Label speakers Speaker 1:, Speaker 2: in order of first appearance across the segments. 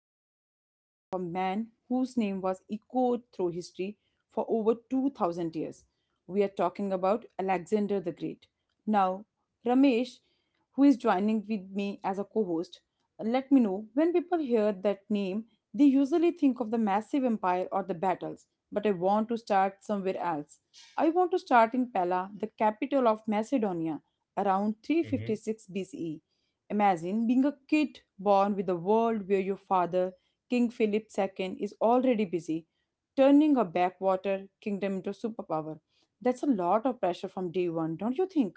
Speaker 1: journey into the life of a man whose name was echoed through history for over 2000 years. We are talking about Alexander the Great. Now, Ramesh, who is joining with me as a co host, let me know when people hear that name, they usually think of the massive empire or the battles. But I want to start somewhere else. I want to start in Pella, the capital of Macedonia around
Speaker 2: Hmm.
Speaker 1: 356 BCE. Imagine being a kid born with a world where your father, King Philip II, is already busy turning a backwater kingdom into a superpower. That's a lot of pressure from day one, don't you think?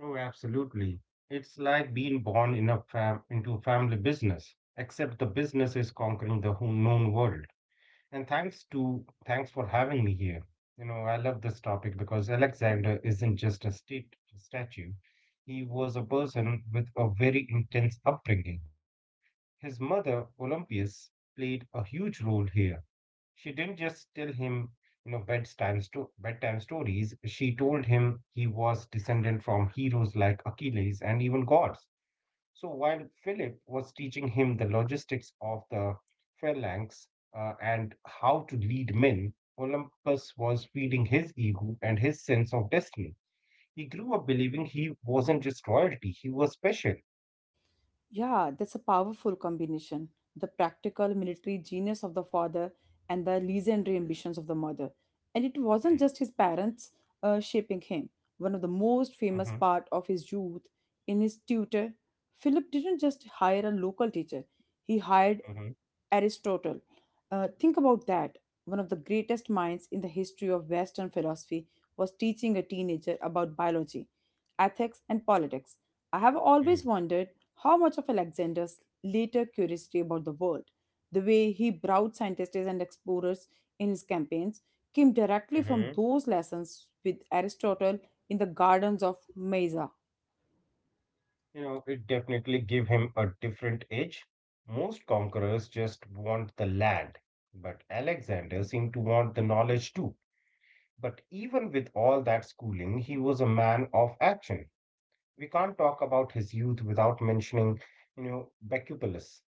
Speaker 2: Oh, absolutely. It's like being born in a fam into a family business, except the business is conquering the whole known world. And thanks for having me here. You know, I love this topic because Alexander isn't just a state statue. He was a person with a very intense upbringing. His mother, Olympias, played a huge role here. She didn't just tell him, you know, bedtime stories. She told him he was descended from heroes like Achilles and even gods. So while Philip was teaching him the logistics of the phalanx and how to lead men, Olympus was feeding his ego and his sense of destiny. He grew up believing he wasn't just royalty, he was special.
Speaker 1: Yeah, that's a powerful combination. The practical military genius of the father and the legendary ambitions of the mother. And it wasn't
Speaker 2: Mm-hmm.
Speaker 1: just his parents shaping him. One of the most famous
Speaker 2: Mm-hmm.
Speaker 1: part of his youth in his tutor, Philip didn't just hire a local teacher, he hired
Speaker 2: Mm-hmm.
Speaker 1: Aristotle. Think about that. One of the greatest minds in the history of Western philosophy was teaching a teenager about biology, ethics, and politics. I have always wondered how much of Alexander's later curiosity about the world, the way he brought scientists and explorers in his campaigns, came directly from
Speaker 2: Mm-hmm.
Speaker 1: those lessons with Aristotle in the gardens of Mysia.
Speaker 2: You know, it definitely gave him a different edge. Most conquerors just want the land, but Alexander seemed to want the knowledge too. But even with all that schooling, he was a man of action. We can't talk about his youth without mentioning Bacupolis.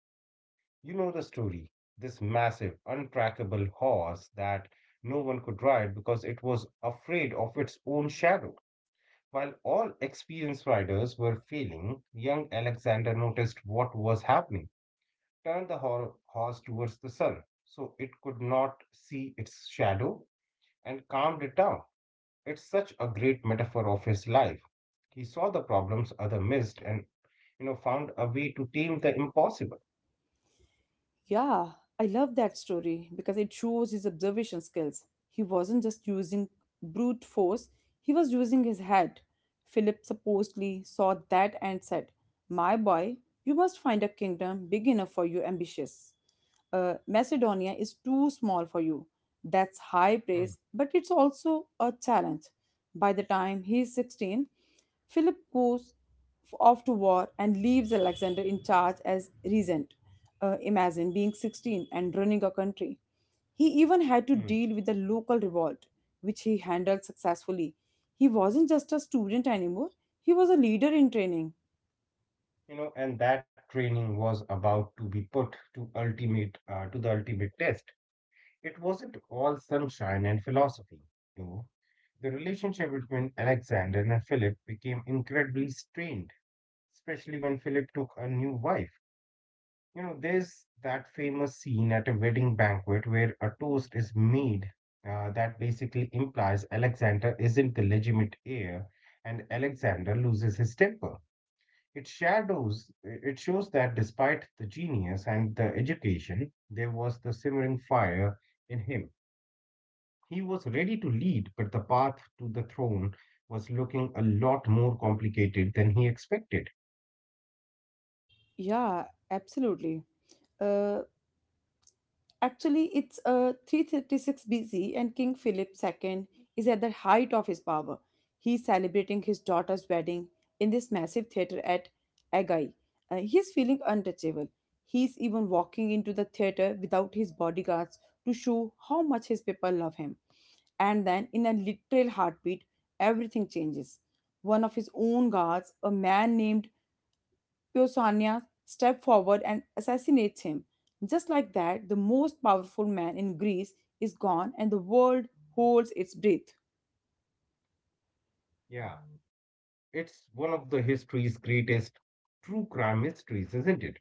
Speaker 2: You know the story. This massive, untrackable horse that no one could ride because it was afraid of its own shadow. While all experienced riders were failing, young Alexander noticed what was happening. Turned the horse towards the sun so it could not see its shadow and calmed it down. It's such a great metaphor of his life. He saw the problems other missed and found a way to tame the impossible.
Speaker 1: Yeah, I love that story because it shows his observation skills. He wasn't just using brute force, he was using his head. Philip supposedly saw that and said, "My boy, you must find a kingdom big enough for your ambitions. Macedonia is too small for you." That's high praise,
Speaker 2: Hmm.
Speaker 1: but it's also a challenge. By the time he's 16, Philip goes off to war and leaves Alexander in charge as regent. Imagine being 16 and running a country. He even had to
Speaker 2: Hmm.
Speaker 1: deal with the local revolt, which he handled successfully. He wasn't just a student anymore, he was a leader in training.
Speaker 2: You know, and that training was about to be put to the ultimate test. It wasn't all sunshine and philosophy, though. The relationship between Alexander and Philip became incredibly strained, especially when Philip took a new wife. You know, there's that famous scene at a wedding banquet where a toast is made that basically implies Alexander isn't the legitimate heir, and Alexander loses his temper. It shows that, despite the genius and the education, there was the simmering fire in him. He was ready to lead, but the path to the throne was looking a lot more complicated than he expected.
Speaker 1: Yeah, absolutely. Uh. Actually, it's 336 BC, and King Philip II is at the height of his power. He's celebrating his daughter's wedding in this massive theater at Agai. He's feeling untouchable. He's even walking into the theater without his bodyguards to show how much his people love him. And then, in a literal heartbeat, everything changes. One of his own guards, a man named Piosania, steps forward and assassinates him. Just like that, the most powerful man in Greece is gone and the world holds its breath.
Speaker 2: Yeah, it's one of the history's greatest true crime mysteries, isn't it?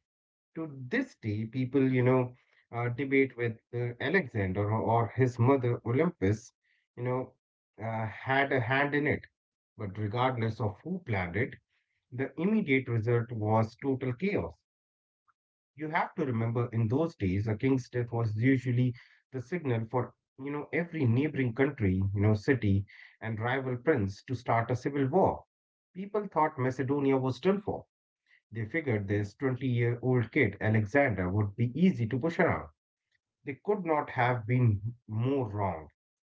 Speaker 2: To this day, people, debate with Alexander or his mother Olympus, you know, had a hand in it. But regardless of who planned it, the immediate result was total chaos. You have to remember, in those days, a king's death was usually the signal for every neighboring country, city, and rival prince to start a civil war. People thought Macedonia was done for. They figured this 20-year-old kid, Alexander, would be easy to push around. They could not have been more wrong.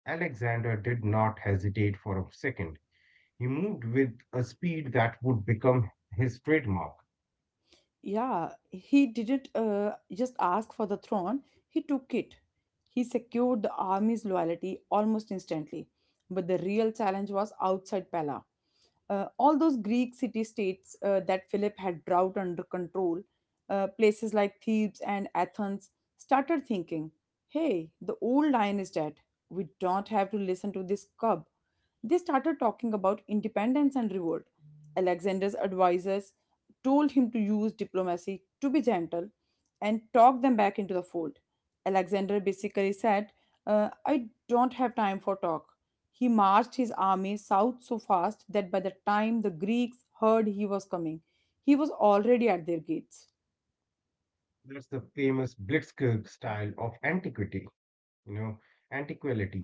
Speaker 2: Alexander did not hesitate for a second. He moved with a speed that would become his trademark.
Speaker 1: Yeah, he didn't just ask for the throne, he took it. He secured the army's loyalty almost instantly. But the real challenge was outside Pella. All those Greek city states that Philip had brought under control, places like Thebes and Athens, started thinking, hey, the old lion is dead. We don't have to listen to this cub. They started talking about independence and revolt. Alexander's advisors told him to use diplomacy, to be gentle, and talk them back into the fold. Alexander basically said, "I don't have time for talk." He marched his army south so fast that by the time the Greeks heard he was coming, he was already at their gates.
Speaker 2: That's the famous blitzkrieg style of antiquity. you know, Antiquality.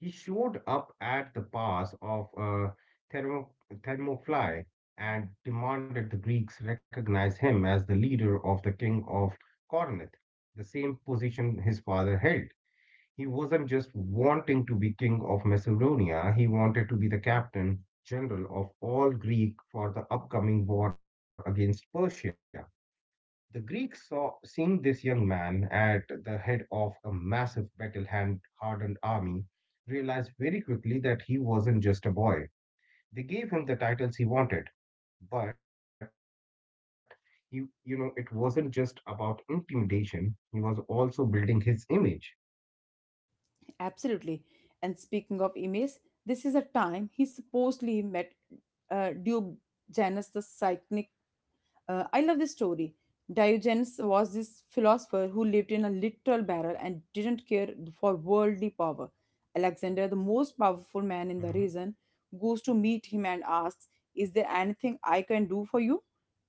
Speaker 2: He showed up at the pass of Thermo, Thermopylae and demanded the Greeks recognize him as the leader of the king of Corinth, the same position his father held. He wasn't just wanting to be king of Macedonia, he wanted to be the captain general of all Greek for the upcoming war against Persia. The Greeks, saw seeing this young man at the head of a massive battle hardened army, realized very quickly that he wasn't just a boy. They gave him the titles he wanted, but it wasn't just about intimidation. He was also building his image.
Speaker 1: Absolutely. And speaking of Emes, this is a time he supposedly met Diogenes the Cynic. I love this story. Diogenes was this philosopher who lived in a literal barrel and didn't care for worldly power. Alexander, the most powerful
Speaker 2: Mhm.
Speaker 1: man in the region, goes to meet him and asks, "Is there anything I can do for you?"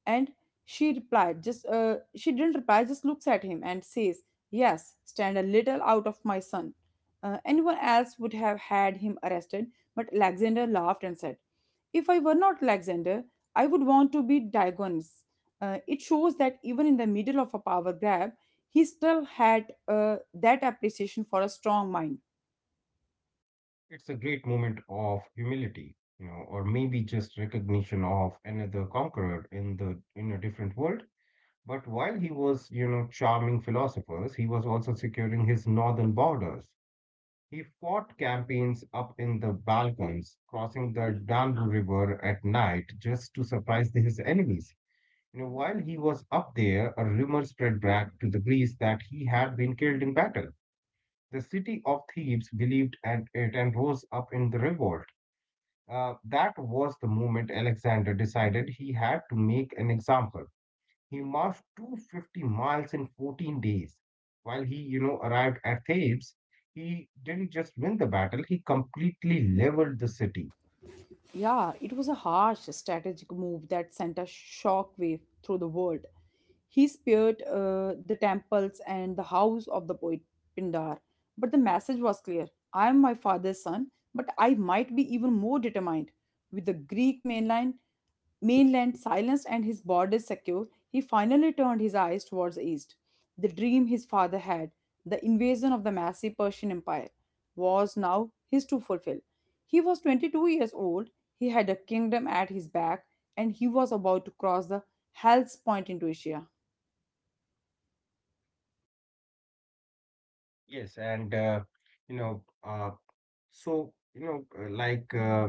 Speaker 1: And she didn't reply, just looks at him and says, "Yes, stand a little out of my son." Anyone else would have had him arrested, but Alexander laughed and said, "If I were not Alexander, I would want to be Diogenes." It shows that even in the middle of a power grab, he still had that appreciation for a strong mind.
Speaker 2: It's a great moment of humility, or maybe just recognition of another conqueror in the in a different world. But while he was, you know, charming philosophers, he was also securing his northern borders. He fought campaigns up in the Balkans, crossing the Danube River at night just to surprise his enemies. You know, while he was up there, a rumor spread back to the Greeks that he had been killed in battle. The city of Thebes believed and it and rose up in the revolt. That was the moment Alexander decided he had to make an example. He marched 250 miles in 14 days. While he arrived at Thebes, he didn't just win the battle, he completely leveled the city.
Speaker 1: Yeah, it was a harsh strategic move that sent a shockwave through the world. He spared the temples and the house of the poet Pindar, but the message was clear: I am my father's son, but I might be even more determined. With the Mainland silenced and his borders secure, he finally turned his eyes towards the east. The dream his father had, the invasion of the massive Persian Empire, was now his to fulfill. He was 22 years old, he had a kingdom at his back, and he was about to cross the Hellespont into Asia.
Speaker 2: Yes, and, you know, uh, so, like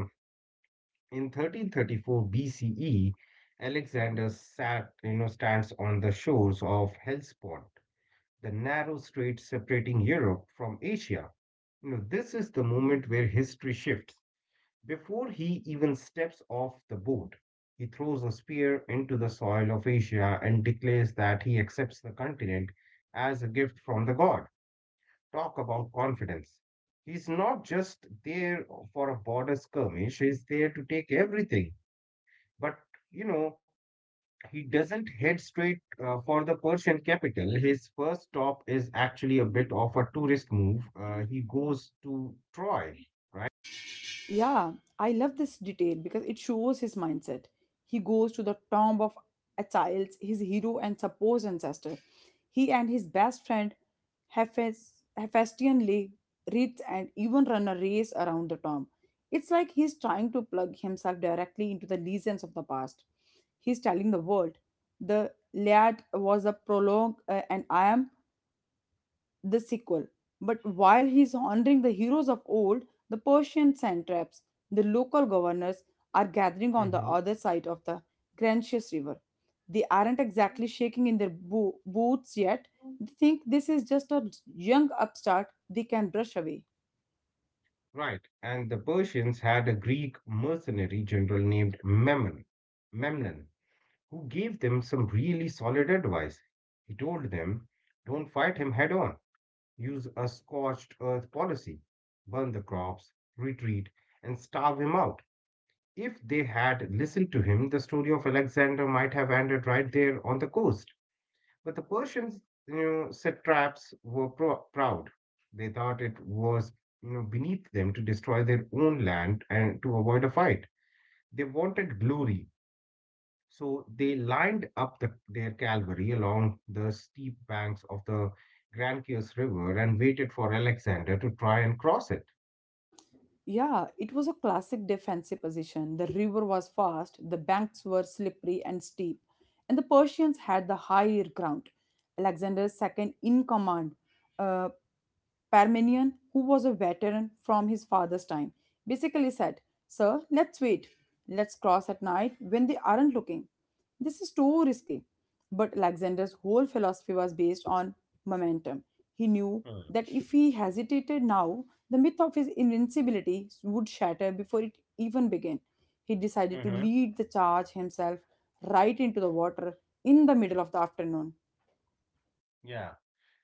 Speaker 2: in 1334 BCE, Alexander stands on the shores of Hellespont, the narrow strait separating Europe from Asia. You know, this is the moment where history shifts. Before he even steps off the boat, he throws a spear into the soil of Asia and declares that he accepts the continent as a gift from the god. Talk about confidence. He's not just there for a border skirmish, he's there to take everything. But, you know, he doesn't head straight for the Persian capital. His first stop is actually a bit of a tourist move. He goes to Troy, right?
Speaker 1: Yeah, I love this detail because it shows his mindset. He goes to the tomb of Achilles, his hero and supposed ancestor. He and his best friend Hephaestion lay wreaths, and even run a race around the tomb. It's like he's trying to plug himself directly into the legends of the past. He's telling the world, the Iliad was a prologue, and I am the sequel. But while he's honoring the heroes of old, the Persian satraps, the local governors, are gathering on the
Speaker 2: Hmm.
Speaker 1: other side of the Grantius River. They aren't exactly shaking in their boots yet. They think this is just a young upstart they can brush away.
Speaker 2: Right, and the Persians had a Greek mercenary general named Memnon, who gave them some really solid advice. He told them, don't fight him head on, use a scorched earth policy, burn the crops, retreat, and starve him out. If they had listened to him, the story of Alexander might have ended right there on the coast. But the Persians, satraps were proud. They thought it was beneath them to destroy their own land and to avoid a fight. They wanted glory, so they lined up their cavalry along the steep banks of the Granchius River and waited for Alexander to try and cross it.
Speaker 1: Yeah, it was a classic defensive position. The river was fast, the banks were slippery and steep, and the Persians had the higher ground. Alexander's second in command, uh. Parmenion, who was a veteran from his father's time, basically said, "Sir, let's wait. Let's cross at night when they aren't looking. This is too risky." But Alexander's whole philosophy was based on momentum. He knew that if he hesitated now, the myth of his invincibility would shatter before it even began. He decided to
Speaker 2: Mm-hmm.
Speaker 1: lead the charge himself right into the water in the middle of the afternoon.
Speaker 2: Yeah.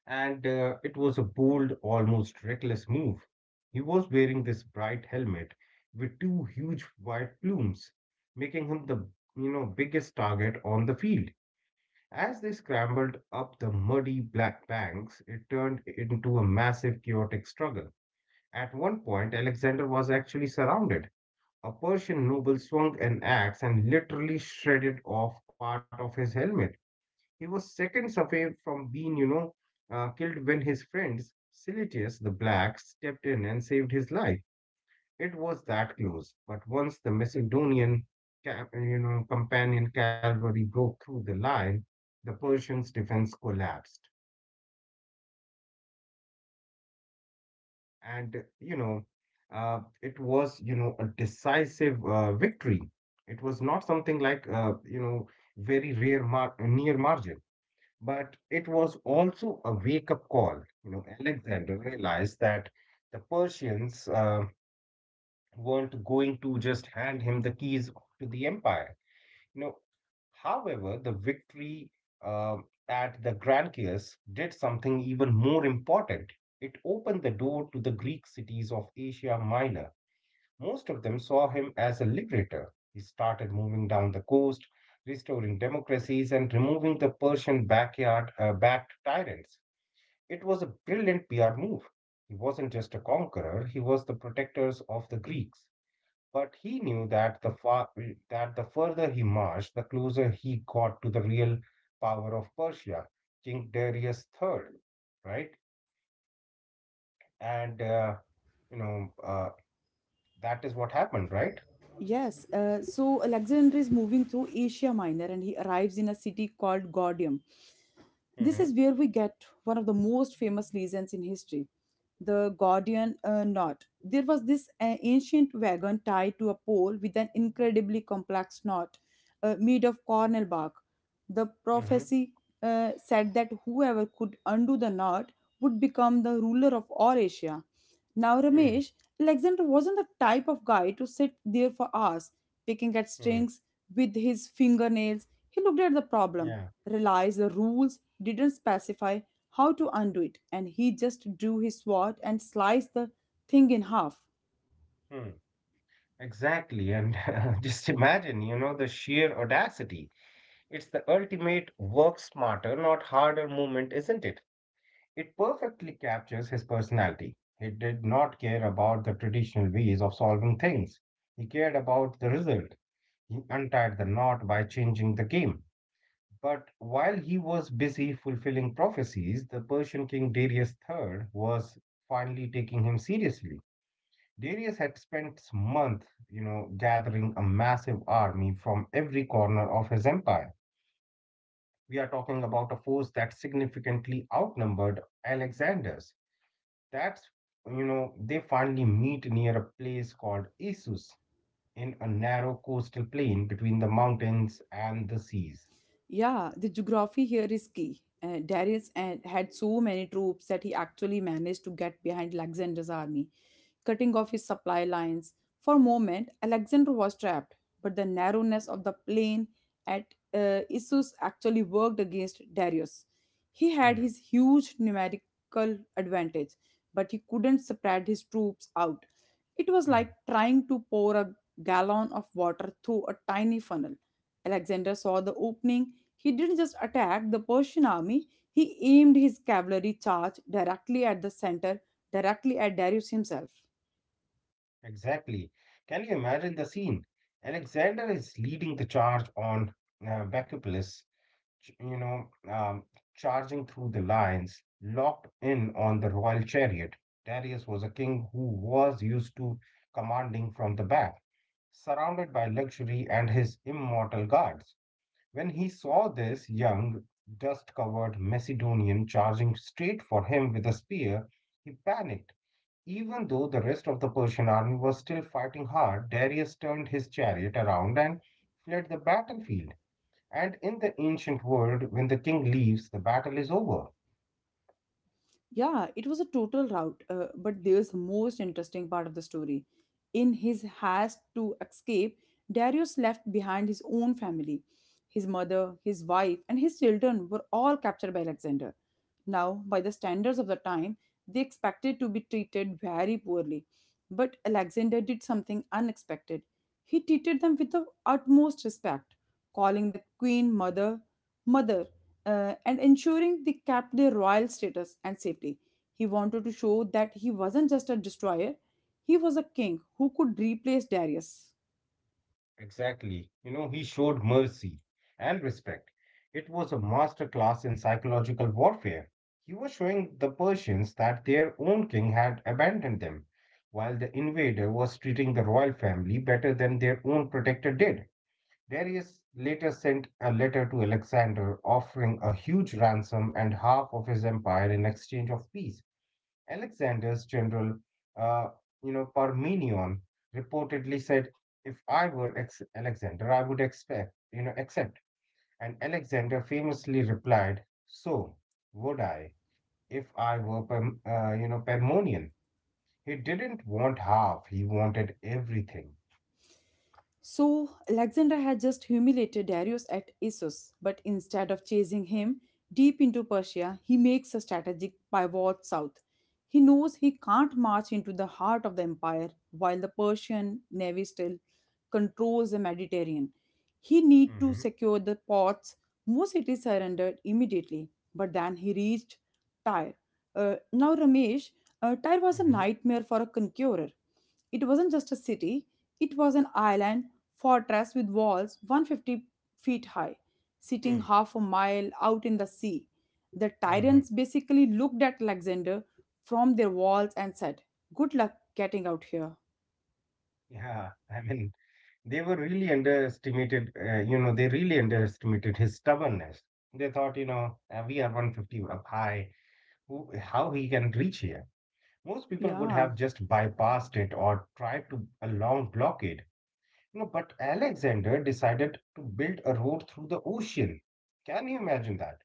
Speaker 2: And it was a bold, almost reckless move. He was wearing this bright helmet with two huge white plumes, making him the biggest target on the field. As they scrambled up the muddy black banks, it turned into a massive, chaotic struggle. At one point, Alexander was actually surrounded. A Persian noble swung an axe and literally shredded off part of his helmet. He was seconds away from being killed when his friends, Silitius the Black, stepped in and saved his life. It was that close. But once the Macedonian, companion cavalry broke through the line, the Persians' defense collapsed, and it was, a decisive victory. It was not something like, very rare near margin. But it was also a wake-up call. You know, Alexander realized that the Persians weren't going to just hand him the keys to the empire. You know, however, the victory uh, at the Granchius did something even more important. It opened the door to the Greek cities of Asia Minor. Most of them saw him as a liberator. He started moving down the coast, restoring democracies and removing the Persian backyard backed tyrants. It was a brilliant PR move. He wasn't just a conqueror, he was the protectors of the Greeks. But he knew that the further he marched, the closer he got to the real power of Persia, King Darius III, right? And you know uh, that is what happened, right?
Speaker 1: Yes, so Alexander is moving through Asia Minor and he arrives in a city called Gordium. This
Speaker 2: Hmm.
Speaker 1: is where we get one of the most famous legends in history: the Gordian knot. There was this ancient wagon tied to a pole with an incredibly complex knot made of cornel bark. The
Speaker 2: Hmm.
Speaker 1: prophecy said that whoever could undo the knot would become the ruler of all Asia. Now,
Speaker 2: Hmm.
Speaker 1: Ramesh, Alexander wasn't the type of guy to sit there for hours, picking at
Speaker 2: Hmm.
Speaker 1: strings with his fingernails. He looked at the problem,
Speaker 2: Yeah.
Speaker 1: realized the rules didn't specify how to undo it, and he just drew his sword and sliced the thing in half.
Speaker 2: Hmm. Exactly. And just imagine, the sheer audacity. It's the ultimate work smarter, not harder movement, isn't it? It perfectly captures his personality. He did not care about the traditional ways of solving things. He cared about the result. He untied the knot by changing the game. But while he was busy fulfilling prophecies, the Persian king Darius the Third was finally taking him seriously. Darius had spent months, gathering a massive army from every corner of his empire. We are talking about a force that significantly outnumbered Alexander's. That's, they finally meet near a place called Issus, in a narrow coastal plain between the mountains and the seas.
Speaker 1: Yeah, the geography here is key. Darius and had so many troops that he actually managed to get behind Alexander's army, cutting off his supply lines. For a moment, Alexander was trapped, but the narrowness of the plain at Issus actually worked against Darius. He had
Speaker 2: Mm.
Speaker 1: his huge numerical advantage, but he couldn't spread his troops out. It was
Speaker 2: Mm.
Speaker 1: like trying to pour a gallon of water through a tiny funnel. Alexander saw the opening. He didn't just attack the Persian army, he aimed his cavalry charge directly at the center, directly at Darius himself.
Speaker 2: Exactly. Can you imagine the scene? Alexander is leading the charge on Bacupolis, ch- you know, um, charging through the lines, locked in on the royal chariot. Darius was a king who was used to commanding from the back, surrounded by luxury and his immortal guards. When he saw this young, dust covered Macedonian charging straight for him with a spear, he panicked. Even though the rest of the Persian army was still fighting hard, Darius turned his chariot around and fled the battlefield. And in the ancient world, when the king leaves, the battle is over.
Speaker 1: Yeah, it was a total rout, but there's the most interesting part of the story. In his haste to escape, Darius left behind his own family. His mother, his wife, and his children were all captured by Alexander. Now, by the standards of the time, they expected to be treated very poorly. But Alexander did something unexpected. He treated them with the utmost respect, calling the queen mother, mother, and ensuring they kept their royal status and safety. He wanted to show that he wasn't just a destroyer, he was a king who could replace Darius.
Speaker 2: Exactly. You know, he showed mercy and respect. It was a master class in psychological warfare. He was showing the Persians that their own king had abandoned them, while the invader was treating the royal family better than their own protector did. Darius later sent a letter to Alexander offering a huge ransom and half of his empire in exchange of peace. Alexander's general, uh, Parmenion reportedly said, "If I were Alexander, I would accept." And Alexander famously replied, "So would I, if I were, Parmenion." He didn't want half; he wanted everything.
Speaker 1: So Alexander had just humiliated Darius at Issus, but instead of chasing him deep into Persia, he makes a strategic pivot south. He knows he can't march into the heart of the empire while the Persian navy still controls the Mediterranean. He need to
Speaker 2: Mm-hmm.
Speaker 1: secure the ports. Most cities surrendered immediately, but then he reached Tyre. Now, Ramesh, Tyre was a
Speaker 2: Mm-hmm.
Speaker 1: nightmare for a conqueror. It wasn't just a city, it was an island fortress with walls 150 feet high, sitting half a mile out in the sea. The
Speaker 2: Mm-hmm.
Speaker 1: Tyrants basically looked at Alexander from their walls and said, "Good luck getting out here."
Speaker 2: Yeah, I mean, they were really underestimated. They really underestimated his stubbornness. They thought, we are 150 up high. How he can reach here. Most people would
Speaker 1: Yeah,
Speaker 2: have just bypassed it or tried to a long blockade. But Alexander decided to build a road through the ocean. Can you imagine that?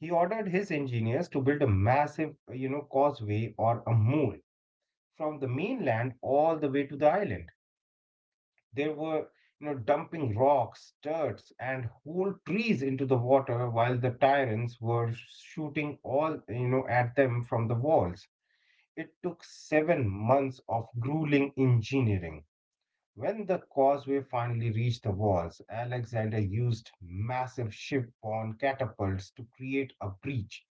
Speaker 2: He ordered his engineers to build a massive causeway or a mole from the mainland all the way to the island. They were dumping rocks, dirt, and whole trees into the water while the tyrants were shooting all at them from the walls. It took 7 months of grueling engineering. When the causeway finally reached the walls, Alexander used massive ship-borne catapults to create a breach.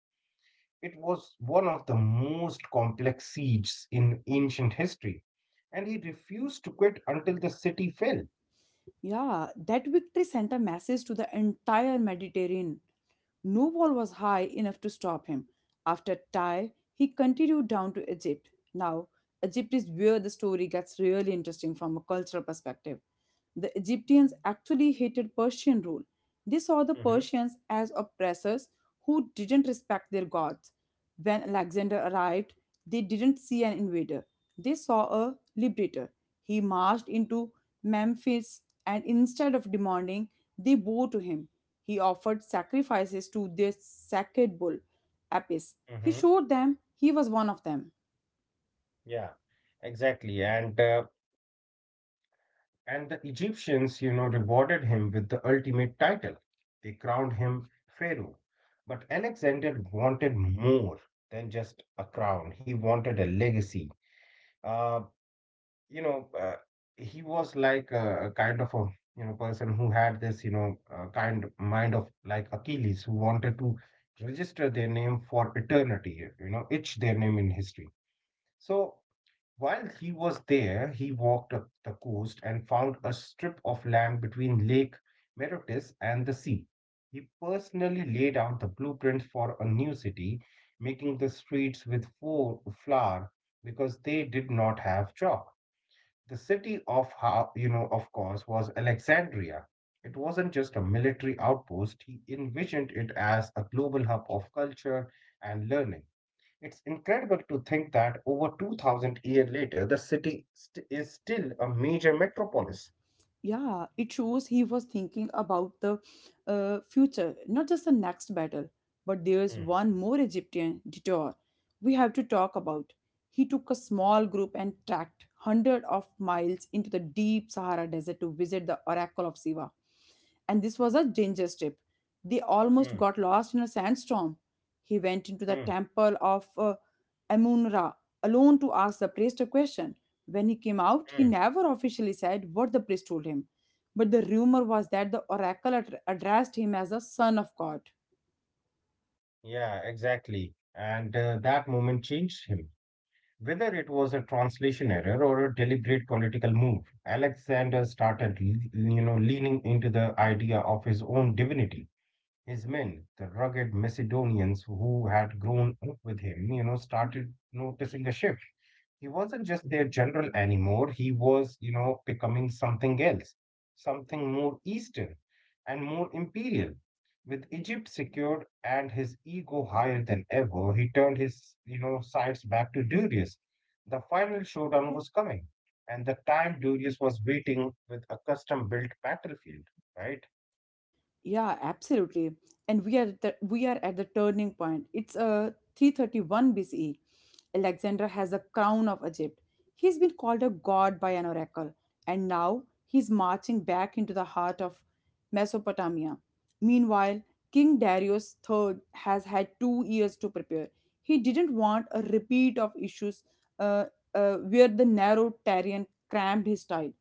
Speaker 2: It was one of the most complex sieges in ancient history, and he refused to quit until the city fell.
Speaker 1: yeah, that victory sent a message to the entire Mediterranean. No wall was high enough to stop him. After Tyre, he continued down to Egypt. Now, Egypt is where the story gets really interesting from a cultural perspective. The Egyptians actually hated Persian rule. They saw the
Speaker 2: Mm-hmm.
Speaker 1: Persians as oppressors who didn't respect their gods. When Alexander arrived, they didn't see an invader, they saw a liberator. He marched into Memphis and instead of demanding, they bowed to him. He offered sacrifices to their sacred bull, Apis. He
Speaker 2: Mm-hmm.
Speaker 1: showed them he was one of them.
Speaker 2: Yeah, exactly. And the Egyptians rewarded him with the ultimate title. They crowned him pharaoh. But Alexander wanted more than just a crown. He wanted a legacy. Uh, you know, uh, he was like a kind of a person who had this kind mind of like Achilles, who wanted to register their name for eternity. Etch their name in history. So while he was there, he walked up the coast and found a strip of land between Lake Merotis and the sea. He personally laid out the blueprints for a new city, making the streets with flour because they did not have chalk. The city of, of course, was Alexandria. It wasn't just a military outpost. He envisioned it as a global hub of culture and learning. It's incredible to think that over 2000 years later, the city is still a major metropolis.
Speaker 1: Yeah, it shows he was thinking about the future, not just the next battle, but there's
Speaker 2: Mm.
Speaker 1: one more Egyptian detour we have to talk about. He took a small group and trekked hundreds of miles into the deep Sahara Desert to visit the Oracle of Siva, and this was a danger strip. They almost
Speaker 2: Mm.
Speaker 1: got lost in a sandstorm. He went into the
Speaker 2: Mm.
Speaker 1: temple of Amun-Ra alone to ask the priest a question. When he came out, he
Speaker 2: Mm.
Speaker 1: never officially said what the priest told him, but the rumor was that the oracle addressed him as the son of God.
Speaker 2: Yeah, exactly. And that moment changed him. Whether it was a translation error or a deliberate political move, Alexander started leaning into the idea of his own divinity. His men, the rugged Macedonians who had grown up with him, started noticing a shift. He wasn't just their general anymore. He was becoming something else, something more Eastern and more imperial. With Egypt secured and his ego higher than ever, he turned his sights back to Darius. The final showdown was coming, and the time Darius was waiting with a custom-built battlefield, right?
Speaker 1: Yeah, absolutely. And we are at the turning point. It's 331 BCE. Alexander has the crown of Egypt. He's been called a god by an oracle, and now he's marching back into the heart of Mesopotamia. Meanwhile, King Darius the Third has had 2 years to prepare. He didn't want a repeat of issues uh, where the narrow Tyrian crammed his style.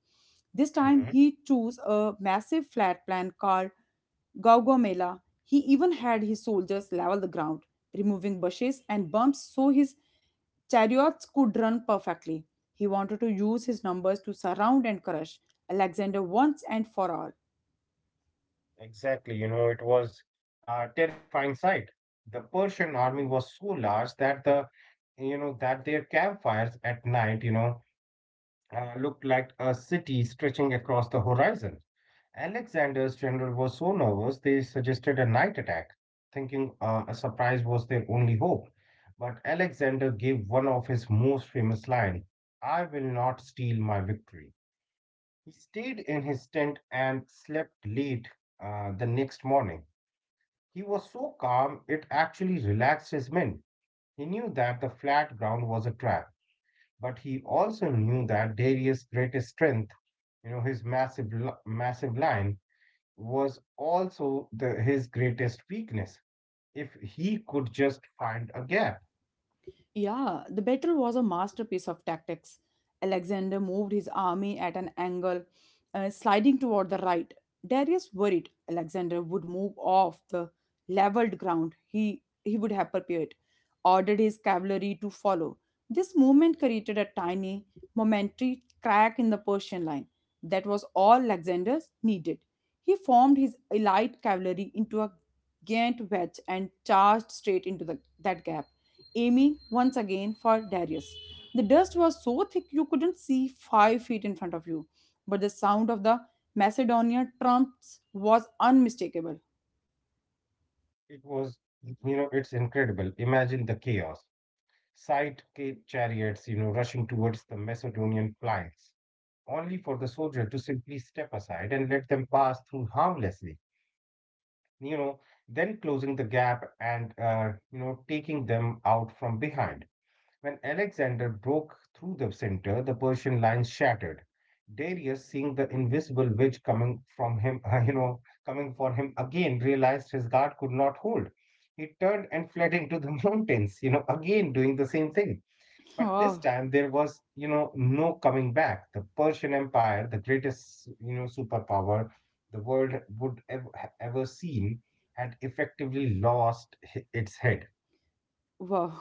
Speaker 1: This time,
Speaker 2: Mhm.
Speaker 1: he chose a massive flat plan called Gaugamela. He even had his soldiers level the ground, removing bushes and bumps so his chariots could run perfectly. He wanted to use his numbers to surround and crush Alexander once and for all.
Speaker 2: Exactly, it was a terrifying sight. The Persian army was so large that that their campfires at night looked like a city stretching across the horizon. Alexander's general was so nervous they suggested a night attack, thinking a surprise was their only hope. But Alexander gave one of his most famous lines, "I will not steal my victory." He stayed in his tent and slept late. The next morning he was so calm it actually relaxed his men. He knew that the flat ground was a trap, but he also knew that Darius' greatest strength, his massive line, was also his greatest weakness. If he could just find a gap.
Speaker 1: Yeah, the battle was a masterpiece of tactics. Alexander moved his army at an angle, sliding toward the right. Darius, worried Alexander would move off the leveled ground he would have prepared, ordered his cavalry to follow. This movement created a tiny, momentary crack in the Persian line. That was all Alexander needed. He formed his elite cavalry into a giant wedge and charged straight into that gap, aiming once again for Darius. The dust was so thick you couldn't see 5 feet in front of you, but the sound of the Macedonian trumps was unmistakable.
Speaker 2: It was, you know, it's incredible. Imagine the chaos. Side chariots rushing towards the Macedonian flanks, only for the soldier to simply step aside and let them pass through harmlessly. you know, then closing the gap and taking them out from behind. When Alexander broke through the center, the Persian line shattered. Darius, seeing the invisible wedge coming from him, coming for him again, realized his guard could not hold. He turned and fled into the mountains, again doing the same thing. But this
Speaker 1: Oh.
Speaker 2: time there was no coming back. The Persian Empire, the greatest superpower the world would ever seen, had effectively lost its head.
Speaker 1: Wow.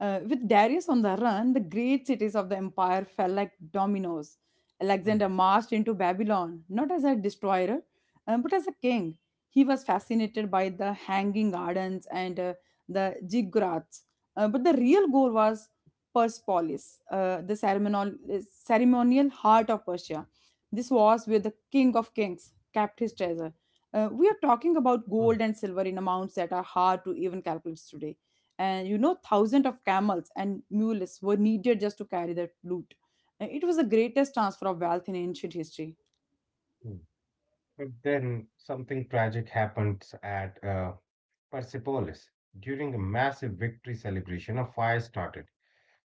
Speaker 1: With Darius on the run, the great cities of the empire fell like dominoes.
Speaker 2: Mm.
Speaker 1: Alexander marched into Babylon, not as a destroyer, but as a king. He was fascinated by the hanging gardens and the ziggurats. But the real goal was Persepolis, uh, ceremonial heart of Persia. This was where the king of kings kept his treasure. We are talking about gold
Speaker 2: Mm.
Speaker 1: and silver in amounts that are hard to even calculate today, and you know, thousands of camels and mules were needed just to carry that loot. And it was the greatest transfer of wealth in ancient history.
Speaker 2: Mm. But then something tragic happened at Persepolis. During a massive victory celebration, a fire started.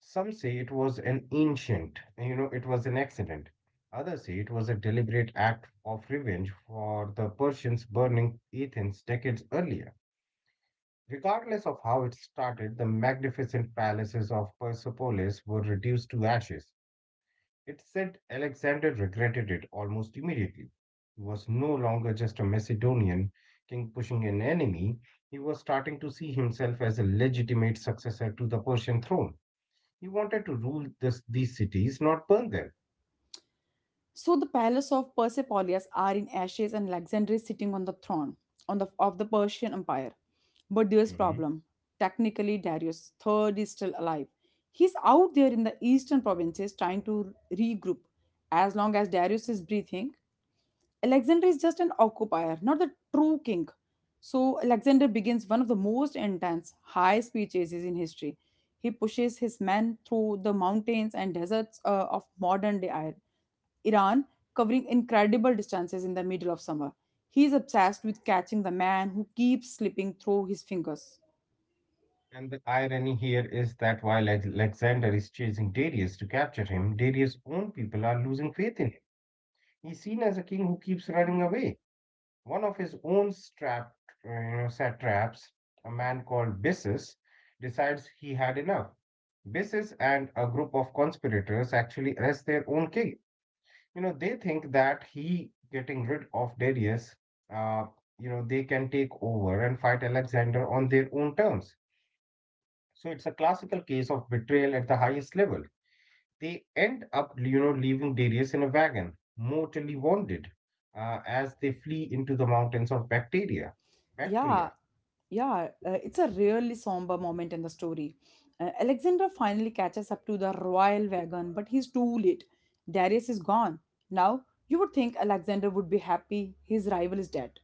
Speaker 2: Some say it was an accident. Others say it was a deliberate act of revenge for the Persians burning Athens decades earlier. Regardless of how it started, the magnificent palaces of Persepolis were reduced to ashes. It's said Alexander regretted it almost immediately. He was no longer just a Macedonian king pushing an enemy, he was starting to see himself as a legitimate successor to the Persian throne. He wanted to rule these cities, not burn them.
Speaker 1: So the palace of Persepolis are in ashes, and Alexander is sitting on the throne of the Persian Empire. But there's
Speaker 2: Hmm.
Speaker 1: problem. Technically, Darius III is still alive. He's out there in the eastern provinces trying to regroup. As long as Darius is breathing, Alexander is just an occupier, not the true king. So Alexander begins one of the most intense high-speed chases in history. He pushes his men through the mountains and deserts of modern-day Iran, covering incredible distances in the middle of summer. He is obsessed with catching the man who keeps slipping through his fingers.
Speaker 2: And the irony here is that while Alexander is chasing Darius to capture him, Darius' own people are losing faith in him. He's seen as a king who keeps running away. One of his own satraps, a man called Bissus, decides he had enough. Bissus and a group of conspirators actually arrest their own king. They think that he getting rid of Darius, uh, they can take over and fight Alexander on their own terms. So it's a classical case of betrayal at the highest level. They end up leaving Darius in a wagon, mortally wounded, as they flee into the mountains of Bacteria.
Speaker 1: Yeah,
Speaker 2: Bactria.
Speaker 1: yeah, it's a really somber moment in the story. Alexander finally catches up to the royal wagon, but he's too late. Darius is gone. Now, you would think Alexander would be happy his rival is dead,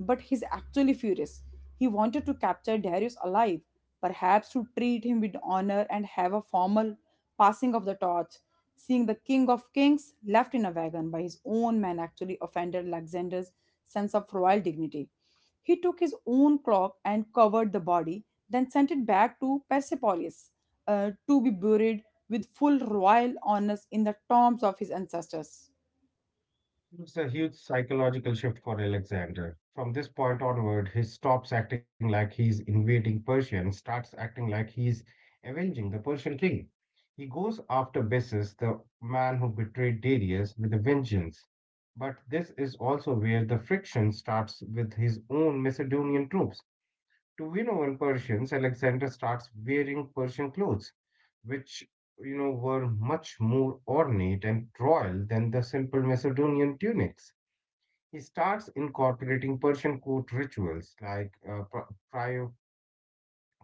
Speaker 1: but he's actually furious. He wanted to capture Darius alive, perhaps to treat him with honor and have a formal passing of the torch. Seeing the king of kings left in a wagon by his own men actually offended Alexander's sense of royal dignity. He took his own cloak and covered the body, then sent it back to Persepolis to be buried with full royal honors in the tombs of his ancestors.
Speaker 2: It's a huge psychological shift for Alexander. From this point onward, he stops acting like he's invading Persia and starts acting like he's avenging the Persian king. He goes after Bessus, the man who betrayed Darius, with a vengeance. But this is also where the friction starts with his own Macedonian troops. To win over Persians, Alexander starts wearing Persian clothes, which were much more ornate and royal than the simple Macedonian tunics. He starts incorporating Persian court rituals like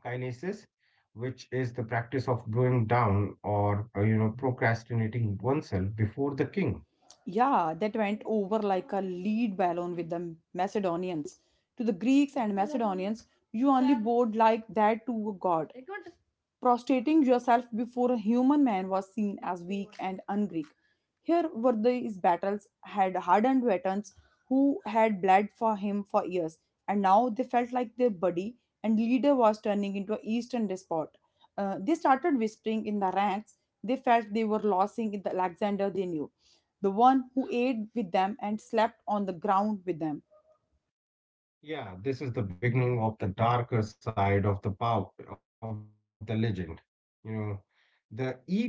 Speaker 2: cryokinesis, which is the practice of blowing down or procrastinating oneself before the king.
Speaker 1: Yeah, that went over like a lead balloon with the Macedonians. To the Greeks and Macedonians, you only bowed like that to a god. Prostrating yourself before a human man was seen as weak and un-Greek. Here were these battles had hardened veterans who had bled for him for years, and now they felt like their buddy and leader was turning into an Eastern despot. They started whispering in the ranks. They felt they were losing the Alexander they knew, the one who ate with them and slept on the ground with them.
Speaker 2: Yeah, this is the beginning of the darker side of the power of the legend. You know, the ego.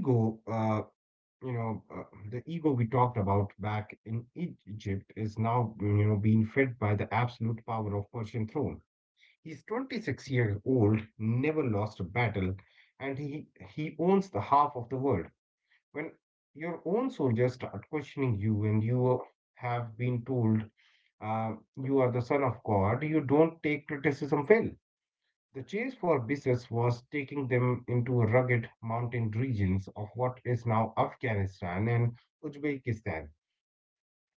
Speaker 2: you know, uh, the ego we talked about back in Egypt is now being fed by the absolute power of Persian throne. He's 26 years old, never lost a battle, and he owns the half of the world. When your own soldiers start questioning you and you have been told uh, you are the son of God, you don't take criticism well. The chase for Biswas was taking them into rugged mountain regions of what is now Afghanistan and Uzbekistan,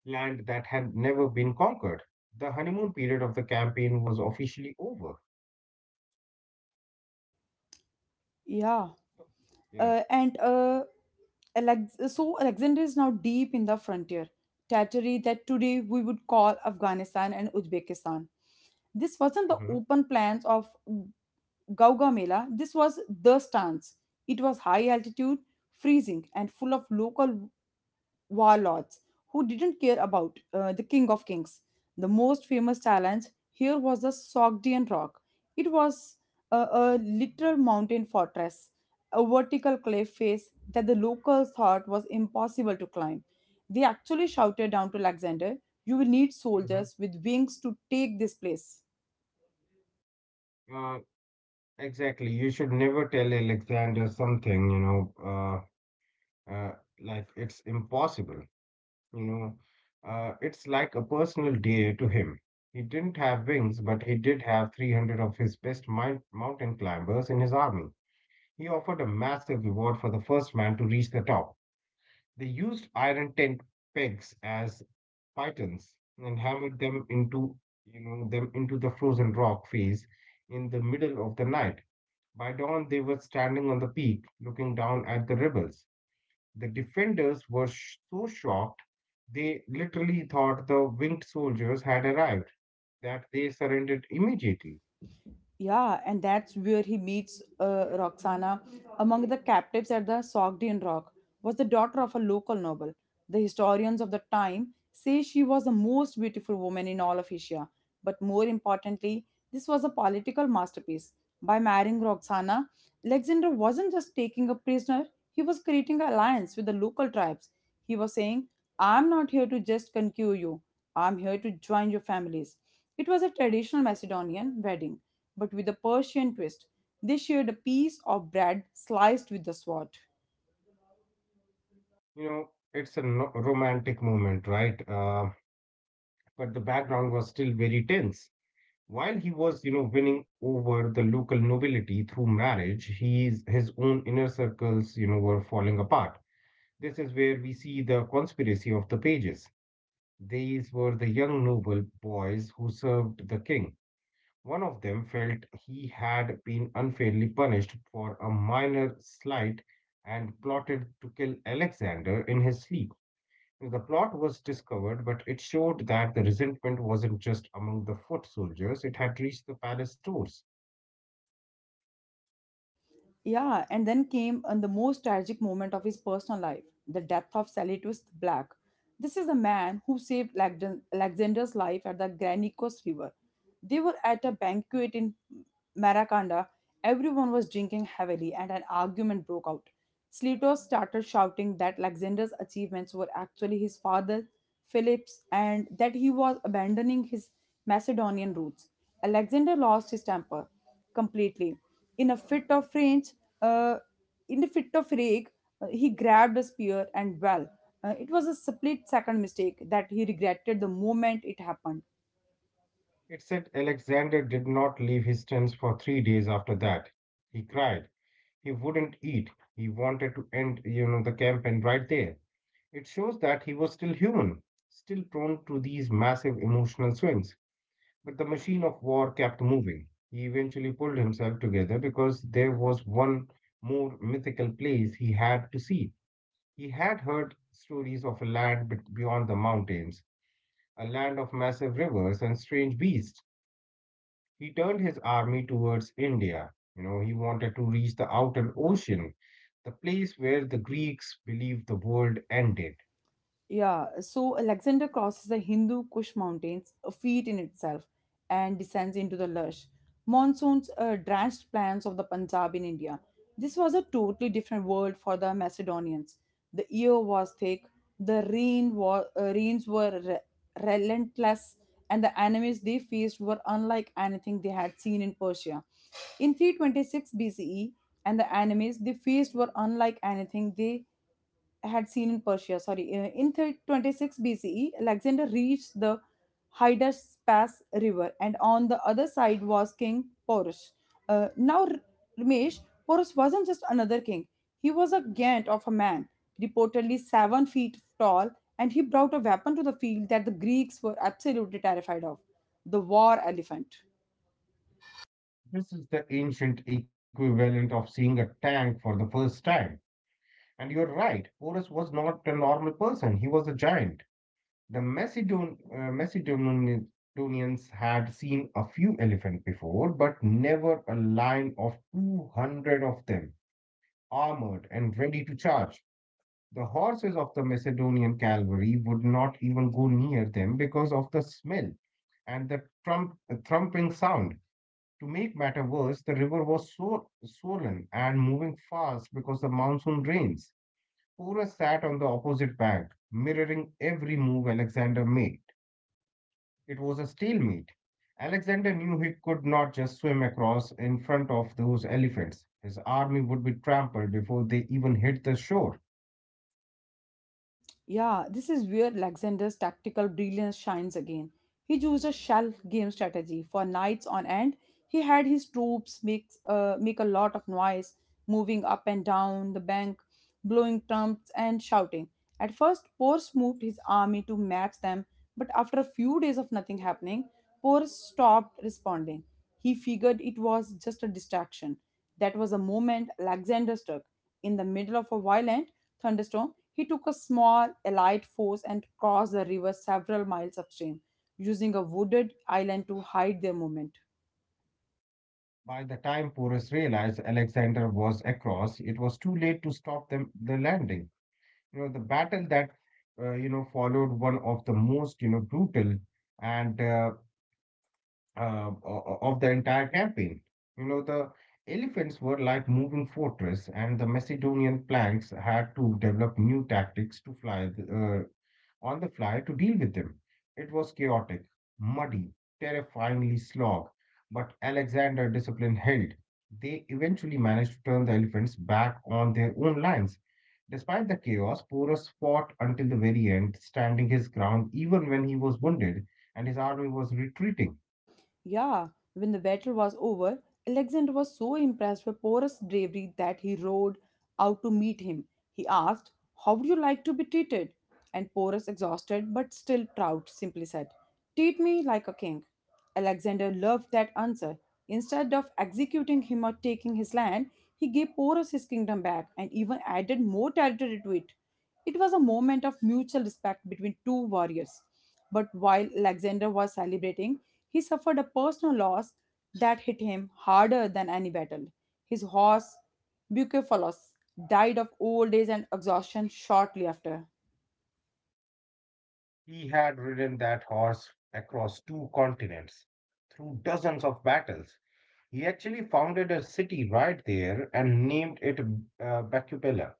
Speaker 2: land that had never been conquered. The honeymoon period of the campaign was officially over.
Speaker 1: Yeah,
Speaker 2: So, yeah.
Speaker 1: uh, and uh, so Alexander is now deep in the frontier territory that today we would call Afghanistan and Uzbekistan. This wasn't the
Speaker 2: Mhm.
Speaker 1: open plans of Gauga Mela, this was the stance. It was high altitude, freezing, and full of local warlords who didn't care about the King of Kings. The most famous challenge here was the Sogdian Rock. It was a literal mountain fortress, a vertical cliff face that the locals thought was impossible to climb. They actually shouted down to Alexander, "You will need
Speaker 2: Mhm.
Speaker 1: soldiers with wings to take this place."
Speaker 2: Uh, exactly. You should never tell Alexander something, you know, uh, uh, like it's impossible, you know. It's like a personal day to him. He didn't have wings, but he did have 300 of his best mountain climbers in his army. He offered a massive reward for the first man to reach the top. They used iron tent pegs as pythons and hammered them into the frozen rock face in the middle of the night. By dawn, they were standing on the peak, looking down at the rebels. The defenders were so shocked, they literally thought the winged soldiers had arrived, that they surrendered immediately.
Speaker 1: Yeah, and that's where he meets Roxana. Among the captives at the Sogdian Rock was the daughter of a local noble. The historians of the time say she was the most beautiful woman in all of Asia. But more importantly, this was a political masterpiece. By marrying Roxana, Alexander wasn't just taking a prisoner, he was creating an alliance with the local tribes. He was saying, "I'm not here to just conquer you, I'm here to join your families." It was a traditional Macedonian wedding, but with a Persian twist. They shared a piece of bread sliced with the sword.
Speaker 2: It's a romantic moment, right? But the background was still very tense. While he was winning over the local nobility through marriage, his own inner circles were falling apart. This is where we see the conspiracy of the pages. These were the young noble boys who served the king. One of them felt he had been unfairly punished for a minor slight and plotted to kill Alexander in his sleep. The plot was discovered, but it showed that the resentment wasn't just among the foot soldiers, it had reached the palace doors.
Speaker 1: Yeah, and then came on the most tragic moment of his personal life, the death of Salitus the Black. This is the man who saved Alexander's life at the Granicus River. They were at a banquet in Marakanda. Everyone was drinking heavily, and an argument broke out. Slater started shouting that Alexander's achievements were actually his father, Philip's, and that he was abandoning his Macedonian roots. Alexander lost his temper completely. In a fit of rage, uh, in a fit of rage, he grabbed a spear and, well, it was a split second mistake that he regretted the moment it happened.
Speaker 2: It said Alexander did not leave his tents for 3 days after that. He cried. He wouldn't eat. He wanted to end the campaign right there. It shows that he was still human, still prone to these massive emotional swings. But the machine of war kept moving. He eventually pulled himself together because there was one more mythical place he had to see. He had heard stories of a land beyond the mountains, a land of massive rivers and strange beasts. He turned his army towards India. He wanted to reach the outer ocean, the place where the Greeks believed the world ended.
Speaker 1: Yeah, so Alexander crosses the Hindu Kush Mountains, a feat in itself, and descends into the lush, monsoons drenched plains of the Punjab in India. This was a totally different world for the Macedonians. The year was thick, the rains were relentless, and the enemies they faced were unlike anything they had seen in Persia. In 326 BCE, and the enemies they faced were unlike anything they had seen in Persia. Sorry, in thir- 26 BCE, Alexander reached the Hydaspes River, and on the other side was King Porus. Now, Ramesh, Porus wasn't just another king; he was a giant of a man, reportedly 7 feet tall, and he brought a weapon to the field that the Greeks were absolutely terrified of: the war elephant.
Speaker 2: This is the ancient equivalent of seeing a tank for the first time. And you're right, Horus was not a normal person, he was a giant. The Macedonians had seen a few elephants before, but never a line of 200 of them, armored and ready to charge. The horses of the Macedonian cavalry would not even go near them because of the smell and the thumping sound. To make matter worse, the river was so swollen and moving fast because of monsoon rains. Pura sat on the opposite bank, mirroring every move Alexander made. It was a stalemate. Alexander knew he could not just swim across in front of those elephants. His army would be trampled before they even hit the shore.
Speaker 1: Yeah, this is where Alexander's tactical brilliance shines again. He used a shell game strategy. For nights on end, he had his troops make a lot of noise, moving up and down the bank, blowing trumpets, and shouting. At first, Porus moved his army to match them, but after a few days of nothing happening, Porus stopped responding. He figured it was just a distraction. That was the moment Alexander struck. In the middle of a violent thunderstorm, he took a small allied force and crossed the river several miles upstream, using a wooded island to hide their movement.
Speaker 2: By the time Porus realized Alexander was across, it was too late to stop them the landing. You know, the battle that, you know, followed one of the most, you know, brutal and uh, of the entire campaign. You know, the elephants were like moving fortress, and the Macedonian planks had to develop new tactics to fly on the fly to deal with them. It was chaotic, muddy, terrifyingly slog, but Alexander discipline held. They eventually managed to turn the elephants back on their own lines. Despite the chaos, Porus fought until the very end, standing his ground even when he was wounded and his army was retreating.
Speaker 1: Yeah, when the battle was over, Alexander was so impressed with Porus' bravery that he rode out to meet him. He asked, "How would you like to be treated?" And Porus, exhausted but still proud, simply said, "Treat me like a king." Alexander loved that answer. Instead of executing him or taking his land, he gave Porus his kingdom back and even added more territory to it. It was a moment of mutual respect between two warriors. But while Alexander was celebrating, he suffered a personal loss that hit him harder than any battle. His horse, Bucephalus, died of old age and exhaustion shortly after.
Speaker 2: He had ridden that horse across two continents, through dozens of battles. He actually founded a city right there and named it Bacubella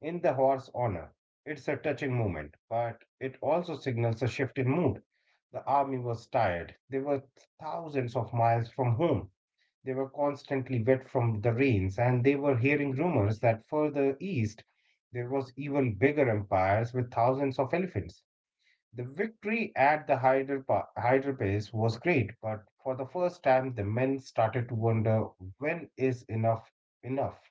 Speaker 2: in the horse's honor. It's a touching moment, but it also signals a shift in mood. The army was tired. They were thousands of miles from home. They were constantly wet from the rains, and they were hearing rumors that further east there was even bigger empires with thousands of elephants. The victory at the Hyder Pass was great, but for the first time the men started to wonder when is enough enough.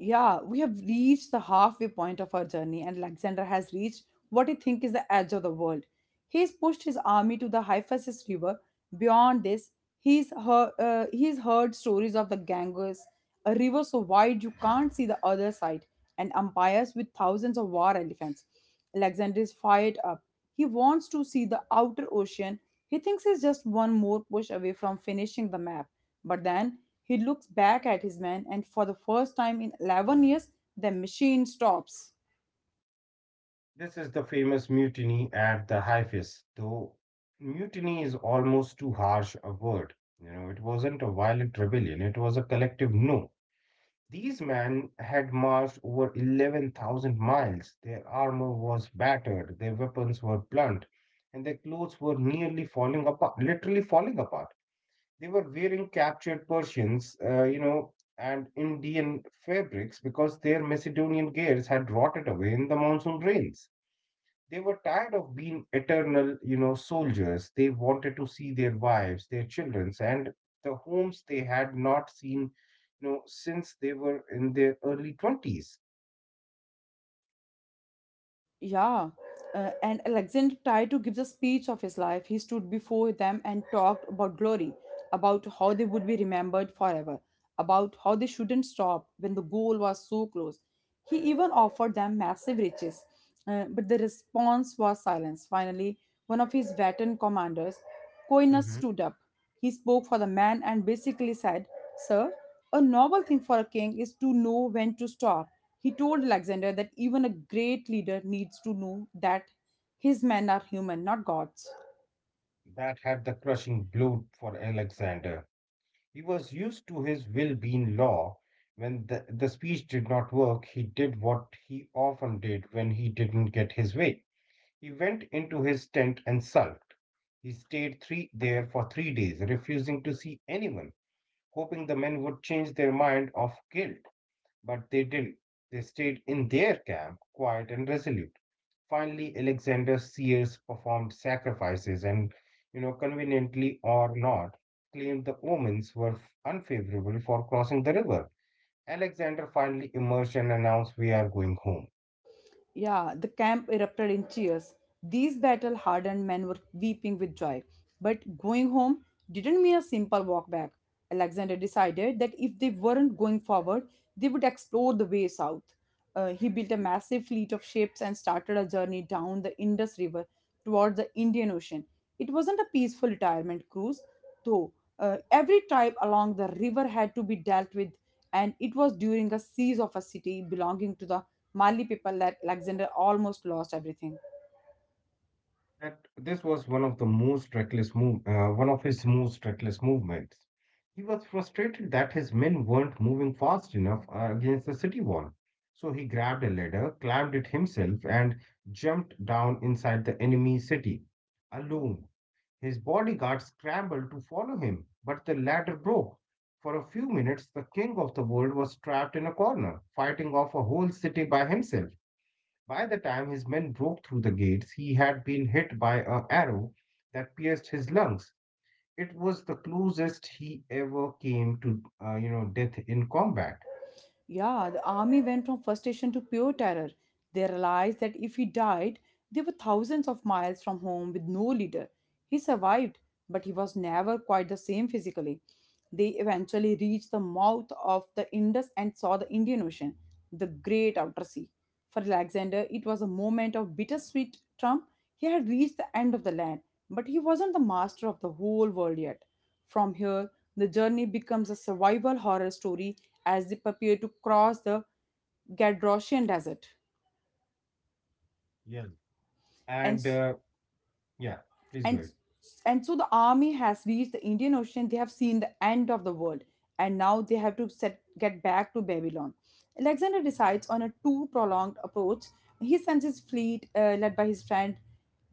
Speaker 1: Yeah, we have reached the halfway point of our journey, and Alexander has reached what he thinks is the edge of the world. He has pushed his army to the Hyphasis River. Beyond this, he's heard stories of the Ganges, a river so wide you can't see the other side, and empires with thousands of war elephants. Alexander is fired up. He wants to see the outer ocean. He thinks he's just one more push away from finishing the map. But then he looks back at his men, and for the first time in 11 years, the machine stops.
Speaker 2: This is the famous mutiny at the Hyphus, though mutiny is almost too harsh a word. You know, it wasn't a violent rebellion, it was a collective no. These men had marched over 11,000 miles. Their armor was battered, their weapons were blunt, and their clothes were nearly falling apart, literally falling apart. They were wearing captured Persians, you know, and Indian fabrics because their Macedonian gears had rotted away in the monsoon rains. They were tired of being eternal, you know, soldiers. They wanted to see their wives, their children, and the homes they had not seen, you know, since they were in their early 20s.
Speaker 1: Yeah, and Alexander tried to give a speech of his life. He stood before them and talked about glory, about how they would be remembered forever, about how they shouldn't stop when the goal was so close. He even offered them massive riches, but the response was silence. Finally, one of his veteran commanders, Coinus,
Speaker 2: Hmm.
Speaker 1: stood up. He spoke for the man and basically said, "Sir, a noble thing for a king is to know when to stop." He told Alexander that even a great leader needs to know that his men are human, not gods.
Speaker 2: That had the crushing blow for Alexander. He was used to his will being law. When the speech did not work, he did what he often did when he didn't get his way. He went into his tent and sulked. He stayed there for 3 days, refusing to see anyone, hoping the men would change their mind of guilt. But they didn't. They stayed in their camp, quiet and resolute. Finally, Alexander Sears performed sacrifices and, you know, conveniently or not, claimed the omens were unfavorable for crossing the river. Alexander finally emerged and announced, "We are going home."
Speaker 1: Yeah, the camp erupted in cheers. These battle hardened men were weeping with joy. But going home didn't mean a simple walk back. Alexander decided that if they weren't going forward, they would explore the way south. He built a massive fleet of ships and started a journey down the Indus River towards the Indian Ocean. It wasn't a peaceful retirement cruise, though. Every tribe along the river had to be dealt with, and it was during a siege of a city belonging to the Mali people like Alexander almost lost everything.
Speaker 2: That this was one of the most one of his most reckless movements. He was frustrated that his men weren't moving fast enough against the city wall. So he grabbed a ladder, climbed it himself, and jumped down inside the enemy city. Alone, his bodyguards scrambled to follow him, but the ladder broke. For a few minutes, the king of the world was trapped in a corner, fighting off a whole city by himself. By the time his men broke through the gates, he had been hit by an arrow that pierced his lungs. It was the closest he ever came to, death in combat.
Speaker 1: Yeah, the army went from frustration to pure terror. They realized that if he died, they were thousands of miles from home with no leader. He survived, but he was never quite the same physically. They eventually reached the mouth of the Indus and saw the Indian Ocean, the great outer sea. For Alexander, it was a moment of bittersweet triumph. He had reached the end of the land, but he wasn't the master of the whole world yet. From here, the journey becomes a survival horror story as they prepare to cross the Gadrosian Desert.
Speaker 2: Yeah.
Speaker 1: And
Speaker 2: And yeah, please go
Speaker 1: and
Speaker 2: ahead.
Speaker 1: and so the army has reached the Indian Ocean. They have seen the end of the world, and now they have to get back to Babylon. Alexander decides on a too prolonged approach. He sends his fleet, led by his friend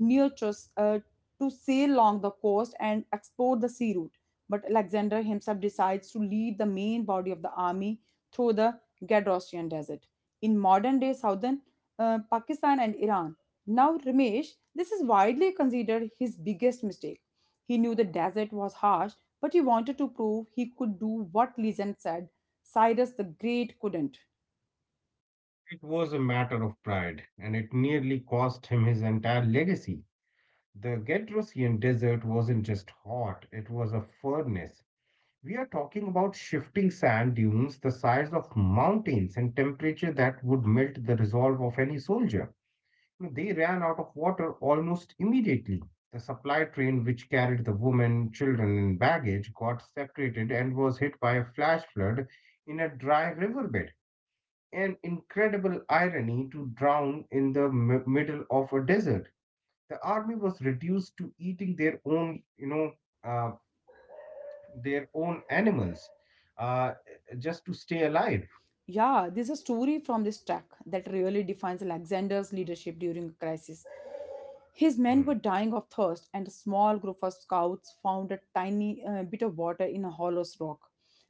Speaker 1: Neochus, to sail along the coast and explore the sea route. But Alexander himself decides to lead the main body of the army through the Gadrosian Desert in modern day southern Pakistan and Iran. Now, Ramesh, this is widely considered his biggest mistake. He knew the desert was harsh, but he wanted to prove he could do what legend said Cyrus the Great couldn't.
Speaker 2: It was a matter of pride, and it nearly cost him his entire legacy. The Gedrosian desert wasn't just hot, it was a furnace. We are talking about shifting sand dunes the size of mountains and temperature that would melt the resolve of any soldier. They ran out of water almost immediately. The supply train, which carried the women, children, and baggage, got separated and was hit by a flash flood in a dry riverbed. An incredible irony to drown in the middle of a desert. The army was reduced to eating their own, uh, their own animals, uh, just to stay alive.
Speaker 1: Yeah, there's a story from this track that really defines Alexander's leadership during a crisis. His men
Speaker 2: Hmm.
Speaker 1: were dying of thirst, and a small group of scouts found a tiny bit of water in a hollow rock.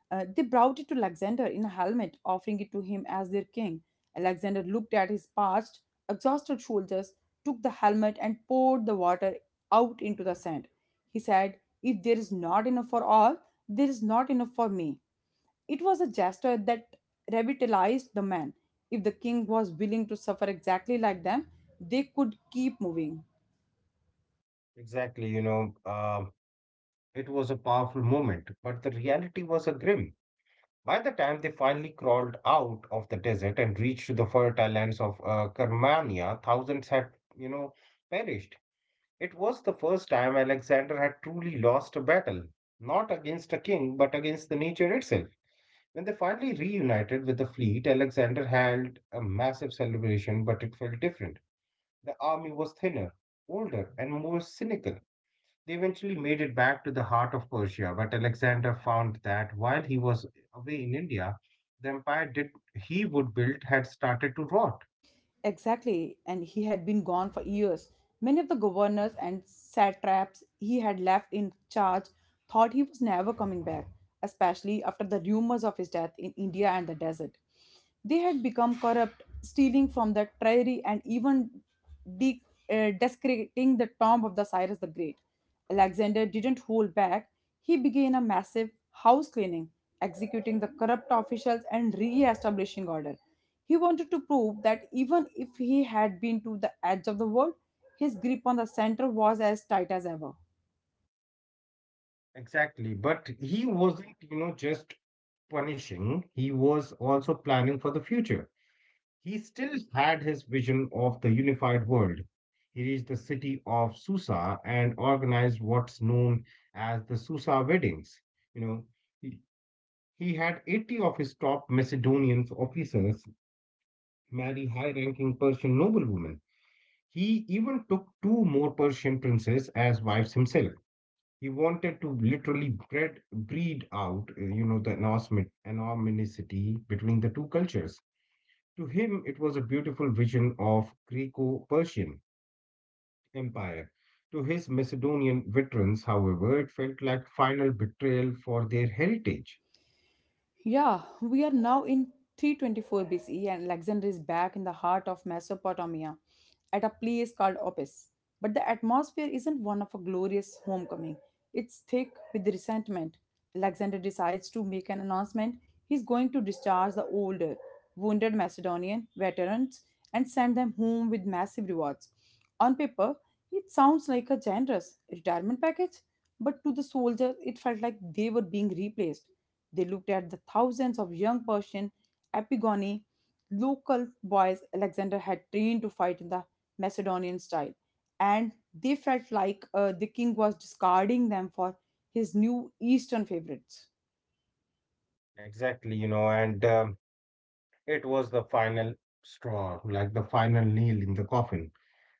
Speaker 1: They brought it to Alexander in a helmet, offering it to him as their king. Alexander looked at his parched, exhausted shoulders, took the helmet, and poured the water out into the sand. He said, "If there is not enough for all, there is not enough for me." It was a gesture that revitalized the men. If the king was willing to suffer exactly like them, they could keep moving.
Speaker 2: Exactly, it was a powerful moment, but the reality was a grim. By the time they finally crawled out of the desert and reached the fertile lands of Karmania, thousands had, you know, perished. It was the first time Alexander had truly lost a battle, not against a king, but against the nature itself. When they finally reunited with the fleet, Alexander held a massive celebration, but it felt different. The army was thinner, older, and more cynical. They eventually made it back to the heart of Persia, but Alexander found that while he was away in India, the empire did he would build had started to rot.
Speaker 1: Exactly, and he had been gone for years. Many of the governors and satraps he had left in charge thought he was never coming back, especially after the rumors of his death in India and the desert. They had become corrupt, stealing from the treasury and even de- desecrating the tomb of the Cyrus the Great. Alexander didn't hold back. He began a massive house cleaning, executing the corrupt officials and re establishing order. He wanted to prove that even if he had been to the edge of the world, his grip on the center was as tight as ever.
Speaker 2: Exactly, but he wasn't, you know, just punishing, he was also planning for the future. He still had his vision of the unified world. He reached the city of Susa and organized what's known as the Susa weddings. You know, he, he had 80 of his top Macedonian officers marry high ranking Persian noblewomen. He even took two more Persian princes as wives himself. He wanted to literally breed out, the enormity between the two cultures. To him, it was a beautiful vision of Greco-Persian empire. To his Macedonian veterans, however, it felt like final betrayal for their heritage.
Speaker 1: Yeah, we are now in 324 BCE and Alexander is back in the heart of Mesopotamia at a place called Opis. But the atmosphere isn't one of a glorious homecoming. It's thick with resentment. Alexander decides to make an announcement. He's going to discharge the older, wounded Macedonian veterans and send them home with massive rewards. On paper, it sounds like a generous retirement package, but to the soldiers, it felt like they were being replaced. They looked at the thousands of young Persian Epigoni, local boys Alexander had trained to fight in the Macedonian style, and they felt like the king was discarding them for his new Eastern favorites.
Speaker 2: Exactly, you know, and it was the final straw, like the final nail in the coffin.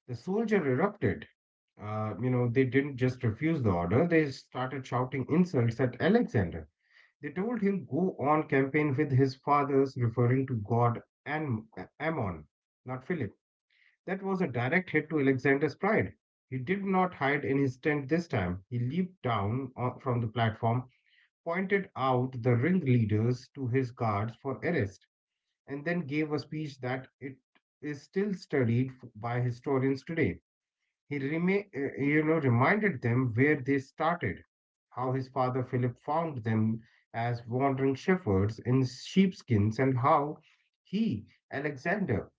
Speaker 2: The soldier erupted. They didn't just refuse the order, they started shouting insults at Alexander. They told him go on campaign with his fathers, referring to God and Ammon, not Philip. That was a direct hit to Alexander's pride. He did not hide in his tent this time. He leaped down from the platform, pointed out the ringleaders to his guards for arrest, and then gave a speech that it is still studied by historians today. He reminded them where they started, how his father Philip found them as wandering shepherds in sheepskins, and how he, Alexander,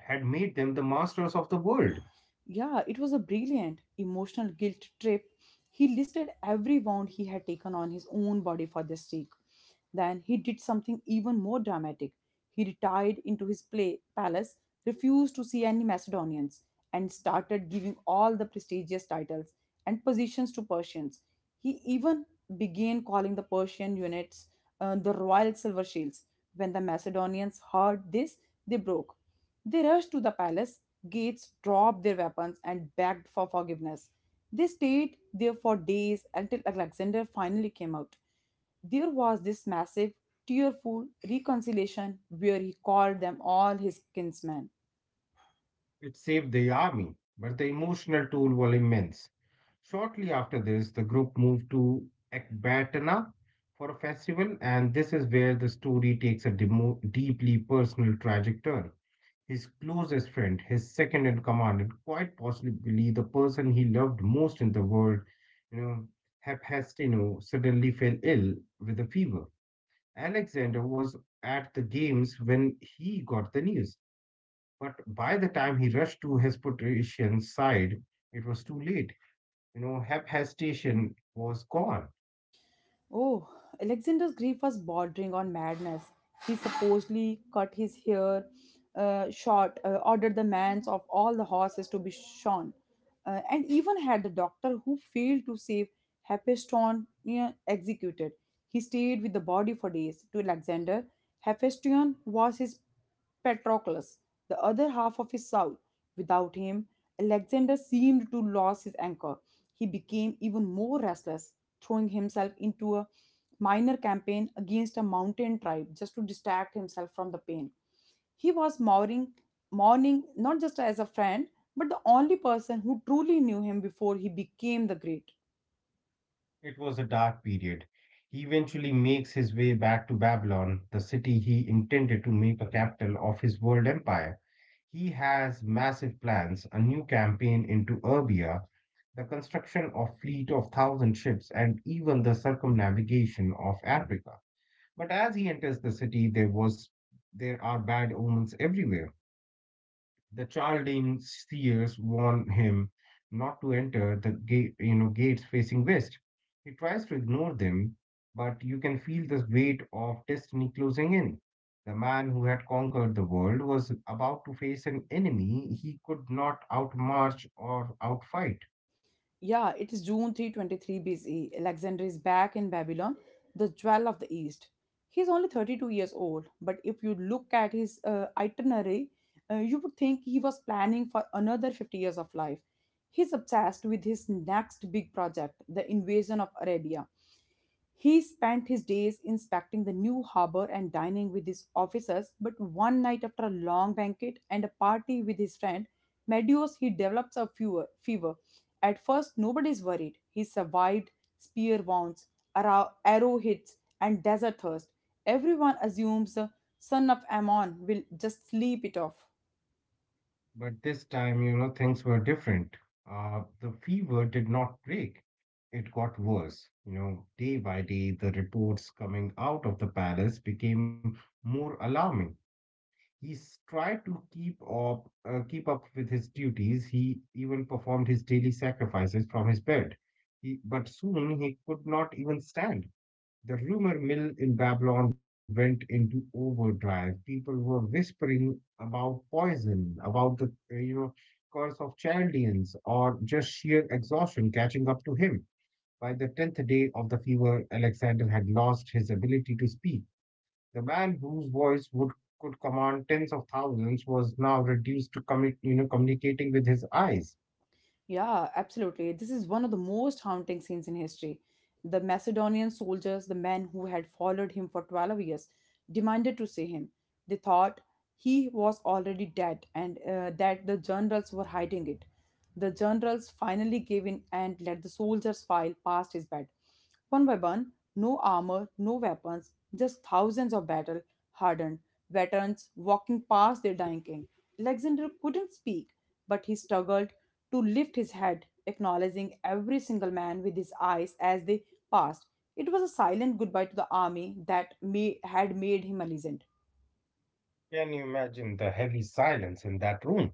Speaker 2: had made them the masters of the world.
Speaker 1: Yeah, it was a brilliant emotional guilt trip. He listed every wound he had taken on his own body for the stake. Then he did something even more dramatic. He retired into his play palace, refused to see any Macedonians, and started giving all the prestigious titles and positions to Persians. He even began calling the Persian units the royal silver shields. When the Macedonians heard this, they broke. They rushed to the palace, gates dropped their weapons and begged for forgiveness. They stayed there for days until Alexander finally came out. There was this massive, tearful reconciliation where he called them all his kinsmen.
Speaker 2: It saved the army, but the emotional toll was immense. Shortly after this, the group moved to Ecbatana for a festival, and this is where the story takes a deeply personal, tragic turn. His closest friend, his second in command, and quite possibly the person he loved most in the world, you know, Hephaestino, suddenly fell ill with a fever. Alexander was at the games when he got the news, but by the time he rushed to Hesperian's side, it was too late. You know, Hephaestion was gone.
Speaker 1: Oh, Alexander's grief was bordering on madness. He supposedly cut his hair short, ordered the mans of all the horses to be shorn, and even had the doctor who failed to save Hephaestion, yeah, executed. He stayed with the body for days. To Alexander, Hephaestion was his Patroclus, the other half of his soul. Without him, Alexander seemed to lose his anchor. He became even more restless, throwing himself into a minor campaign against a mountain tribe just to distract himself from the pain. He was mourning not just as a friend, but the only person who truly knew him before he became the great.
Speaker 2: It was a dark period. He eventually makes his way back to Babylon, the city he intended to make a capital of his world empire. He has massive plans, a new campaign into Erbia, the construction of fleet of thousand ships, and even the circumnavigation of Africa. But as he enters the city, there are bad omens everywhere. The Chaldean seers warn him not to enter the gate, you know, gates facing west. He tries to ignore them, but you can feel the weight of destiny closing in. The man who had conquered the world was about to face an enemy he could not outmarch or outfight.
Speaker 1: Yeah, it is June 323 B.C. Alexander is back in Babylon, the jewel of the East. He is only 32 years old, but if you look at his itinerary, you would think he was planning for another 50 years of life. He's obsessed with his next big project, the invasion of Arabia. He spent his days inspecting the new harbor and dining with his officers, but one night after a long banquet and a party with his friend Medeus, he develops a fever. At first, nobody's worried. He survived spear wounds, arrow hits, and desert thirst. Everyone assumes the son of Ammon will just sleep it off.
Speaker 2: But this time, you know, things were different. The fever did not break. It got worse. You know, day by day, the reports coming out of the palace became more alarming. He s- tried to keep up with his duties. He even performed his daily sacrifices from his bed. But soon he could not even stand. The rumor mill in Babylon went into overdrive. People were whispering about poison, about the curse of Chaldeans, or just sheer exhaustion catching up to him by the tenth day of the fever. Alexander had lost his ability to speak. The man whose voice would could command tens of thousands was now reduced to communicating with his eyes.
Speaker 1: Yeah, absolutely. This is one of the most haunting scenes in history. The Macedonian soldiers, the men who had followed him for 12 years, demanded to see him. They thought he was already dead and that the generals were hiding it. The generals finally gave in and let the soldiers file past his bed. One by one, no armor, no weapons, just thousands of battle hardened veterans walking past their dying king. Alexander couldn't speak, but he struggled to lift his head, acknowledging every single man with his eyes as they passed. It was a silent goodbye to the army that had made him a legend.
Speaker 2: Can you imagine the heavy silence in that room?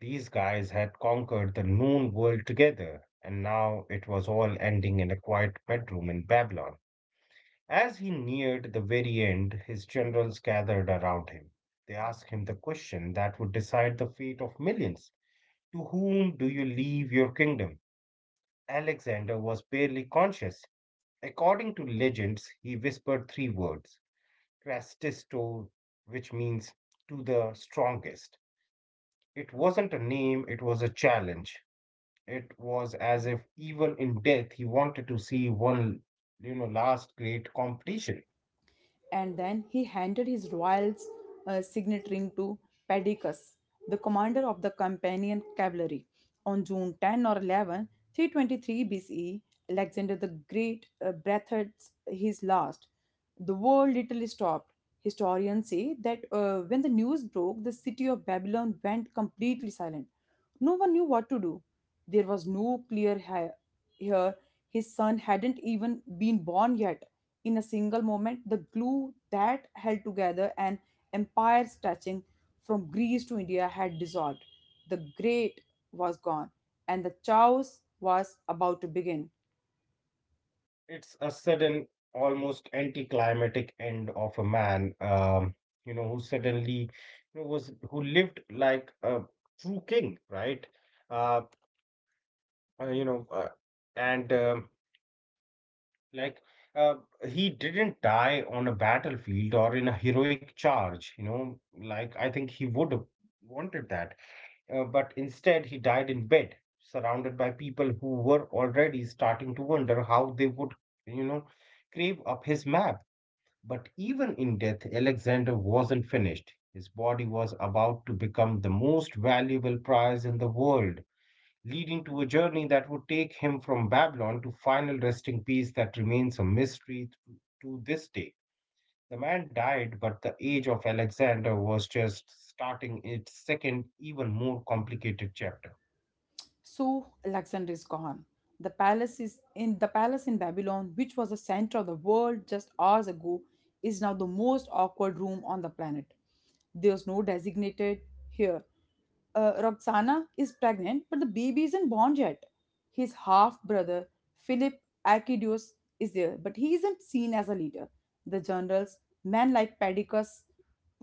Speaker 2: These guys had conquered the known world together, and now it was all ending in a quiet bedroom in Babylon. As he neared the very end, his generals gathered around him. They asked him the question that would decide the fate of millions. To whom do you leave your kingdom? Alexander was barely conscious. According to legends, he whispered three words: Crastisto, which means to the strongest. It wasn't a name, it was a challenge. It was as if even in death he wanted to see one, you know, last great competition.
Speaker 1: And then he handed his royal signet ring to Pedicus, the commander of the companion cavalry. On June 10 or 11, 323 BCE, Alexander the Great breathed his last. The war literally stopped. Historians say that when the news broke, the city of Babylon went completely silent. No one knew what to do. There was no clear heir. Here. His son hadn't even been born yet. In a single moment, the glue that held together an empire stretching from Greece to India had dissolved. The great was gone, and the chaos was about to begin.
Speaker 2: It's a sudden, almost anticlimactic end of a man, you know, who suddenly, you know, was who lived like a true king, right? Uh, you know, and like uh, he didn't die on a battlefield or in a heroic charge, you know, like I think he would have wanted that, but instead he died in bed, surrounded by people who were already starting to wonder how they would, you know, crave up his map. But even in death, Alexander wasn't finished. His body was about to become the most valuable prize in the world, leading to a journey that would take him from Babylon to final resting place that remains a mystery to this day. The man died, but the age of Alexander was just starting its second, even more complicated chapter.
Speaker 1: So Alexander is gone. The palace is in the palace in Babylon, which was the center of the world just hours ago, is now the most awkward room on the planet. There's no designated here. Roxana is pregnant, but the baby isn't born yet. His half brother, Philip Arcadius, is there, but he isn't seen as a leader. The generals, men like Padicus,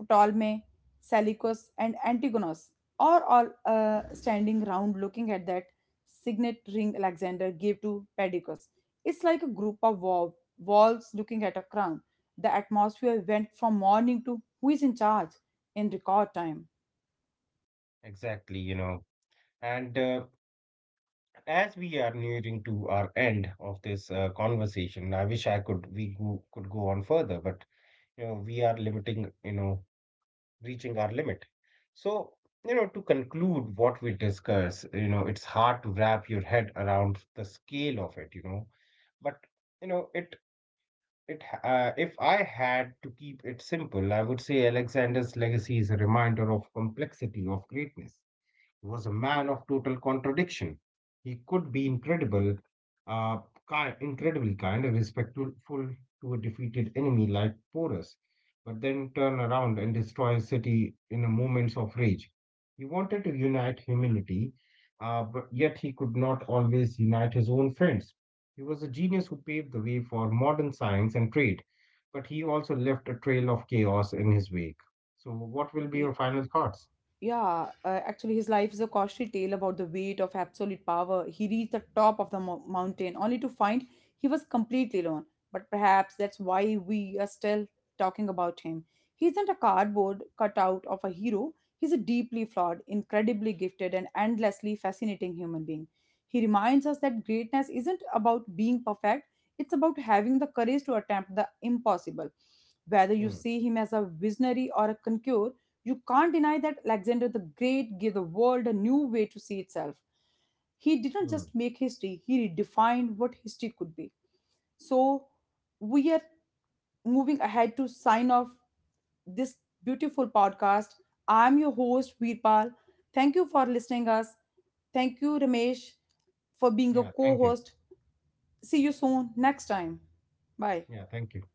Speaker 1: Ptolemy, Seleucus, and Antigonus, are all standing round looking at that signet ring Alexander gave to Padicus. It's like a group of walls looking at a crown. The atmosphere went from morning to who is in charge in record time.
Speaker 2: Exactly, you know. And as we are nearing to our end of this conversation, I wish I could we go, could go on further, but you know we are limiting, you know, reaching our limit, so, you know, to conclude what we discuss, you know, it's hard to wrap your head around the scale of it, you know, but you know it it if I had to keep it simple I would say Alexander's legacy is a reminder of complexity of greatness. Was a man of total contradiction. He could be uh, incredibly kind and respectful to a defeated enemy like Porus, but then turn around and destroy a city in a moment of rage. He wanted to unite humanity, but yet he could not always unite his own friends. He was a genius who paved the way for modern science and trade, but he also left a trail of chaos in his wake. So, what will be your final thoughts?
Speaker 1: Yeah, actually, his life is a cautionary tale about the weight of absolute power. He reached the top of the mountain only to find he was completely alone. But perhaps that's why we are still talking about him. He isn't a cardboard cutout of a hero, he's a deeply flawed, incredibly gifted, and endlessly fascinating human being. He reminds us that greatness isn't about being perfect, it's about having the courage to attempt the impossible, whether you
Speaker 2: Hmm,
Speaker 1: see him as a visionary or a conqueror. You can't deny that Alexander the Great gave the world a new way to see itself. He didn't
Speaker 2: hmm.
Speaker 1: just make history, he redefined what history could be. So, we are moving ahead to sign off this beautiful podcast. I'm your host, Veerpal. Thank you for listening us. Thank you, Ramesh, for being a
Speaker 2: Yeah,
Speaker 1: co
Speaker 2: thank you.
Speaker 1: host. See you soon next time. Bye.
Speaker 2: Yeah, thank you.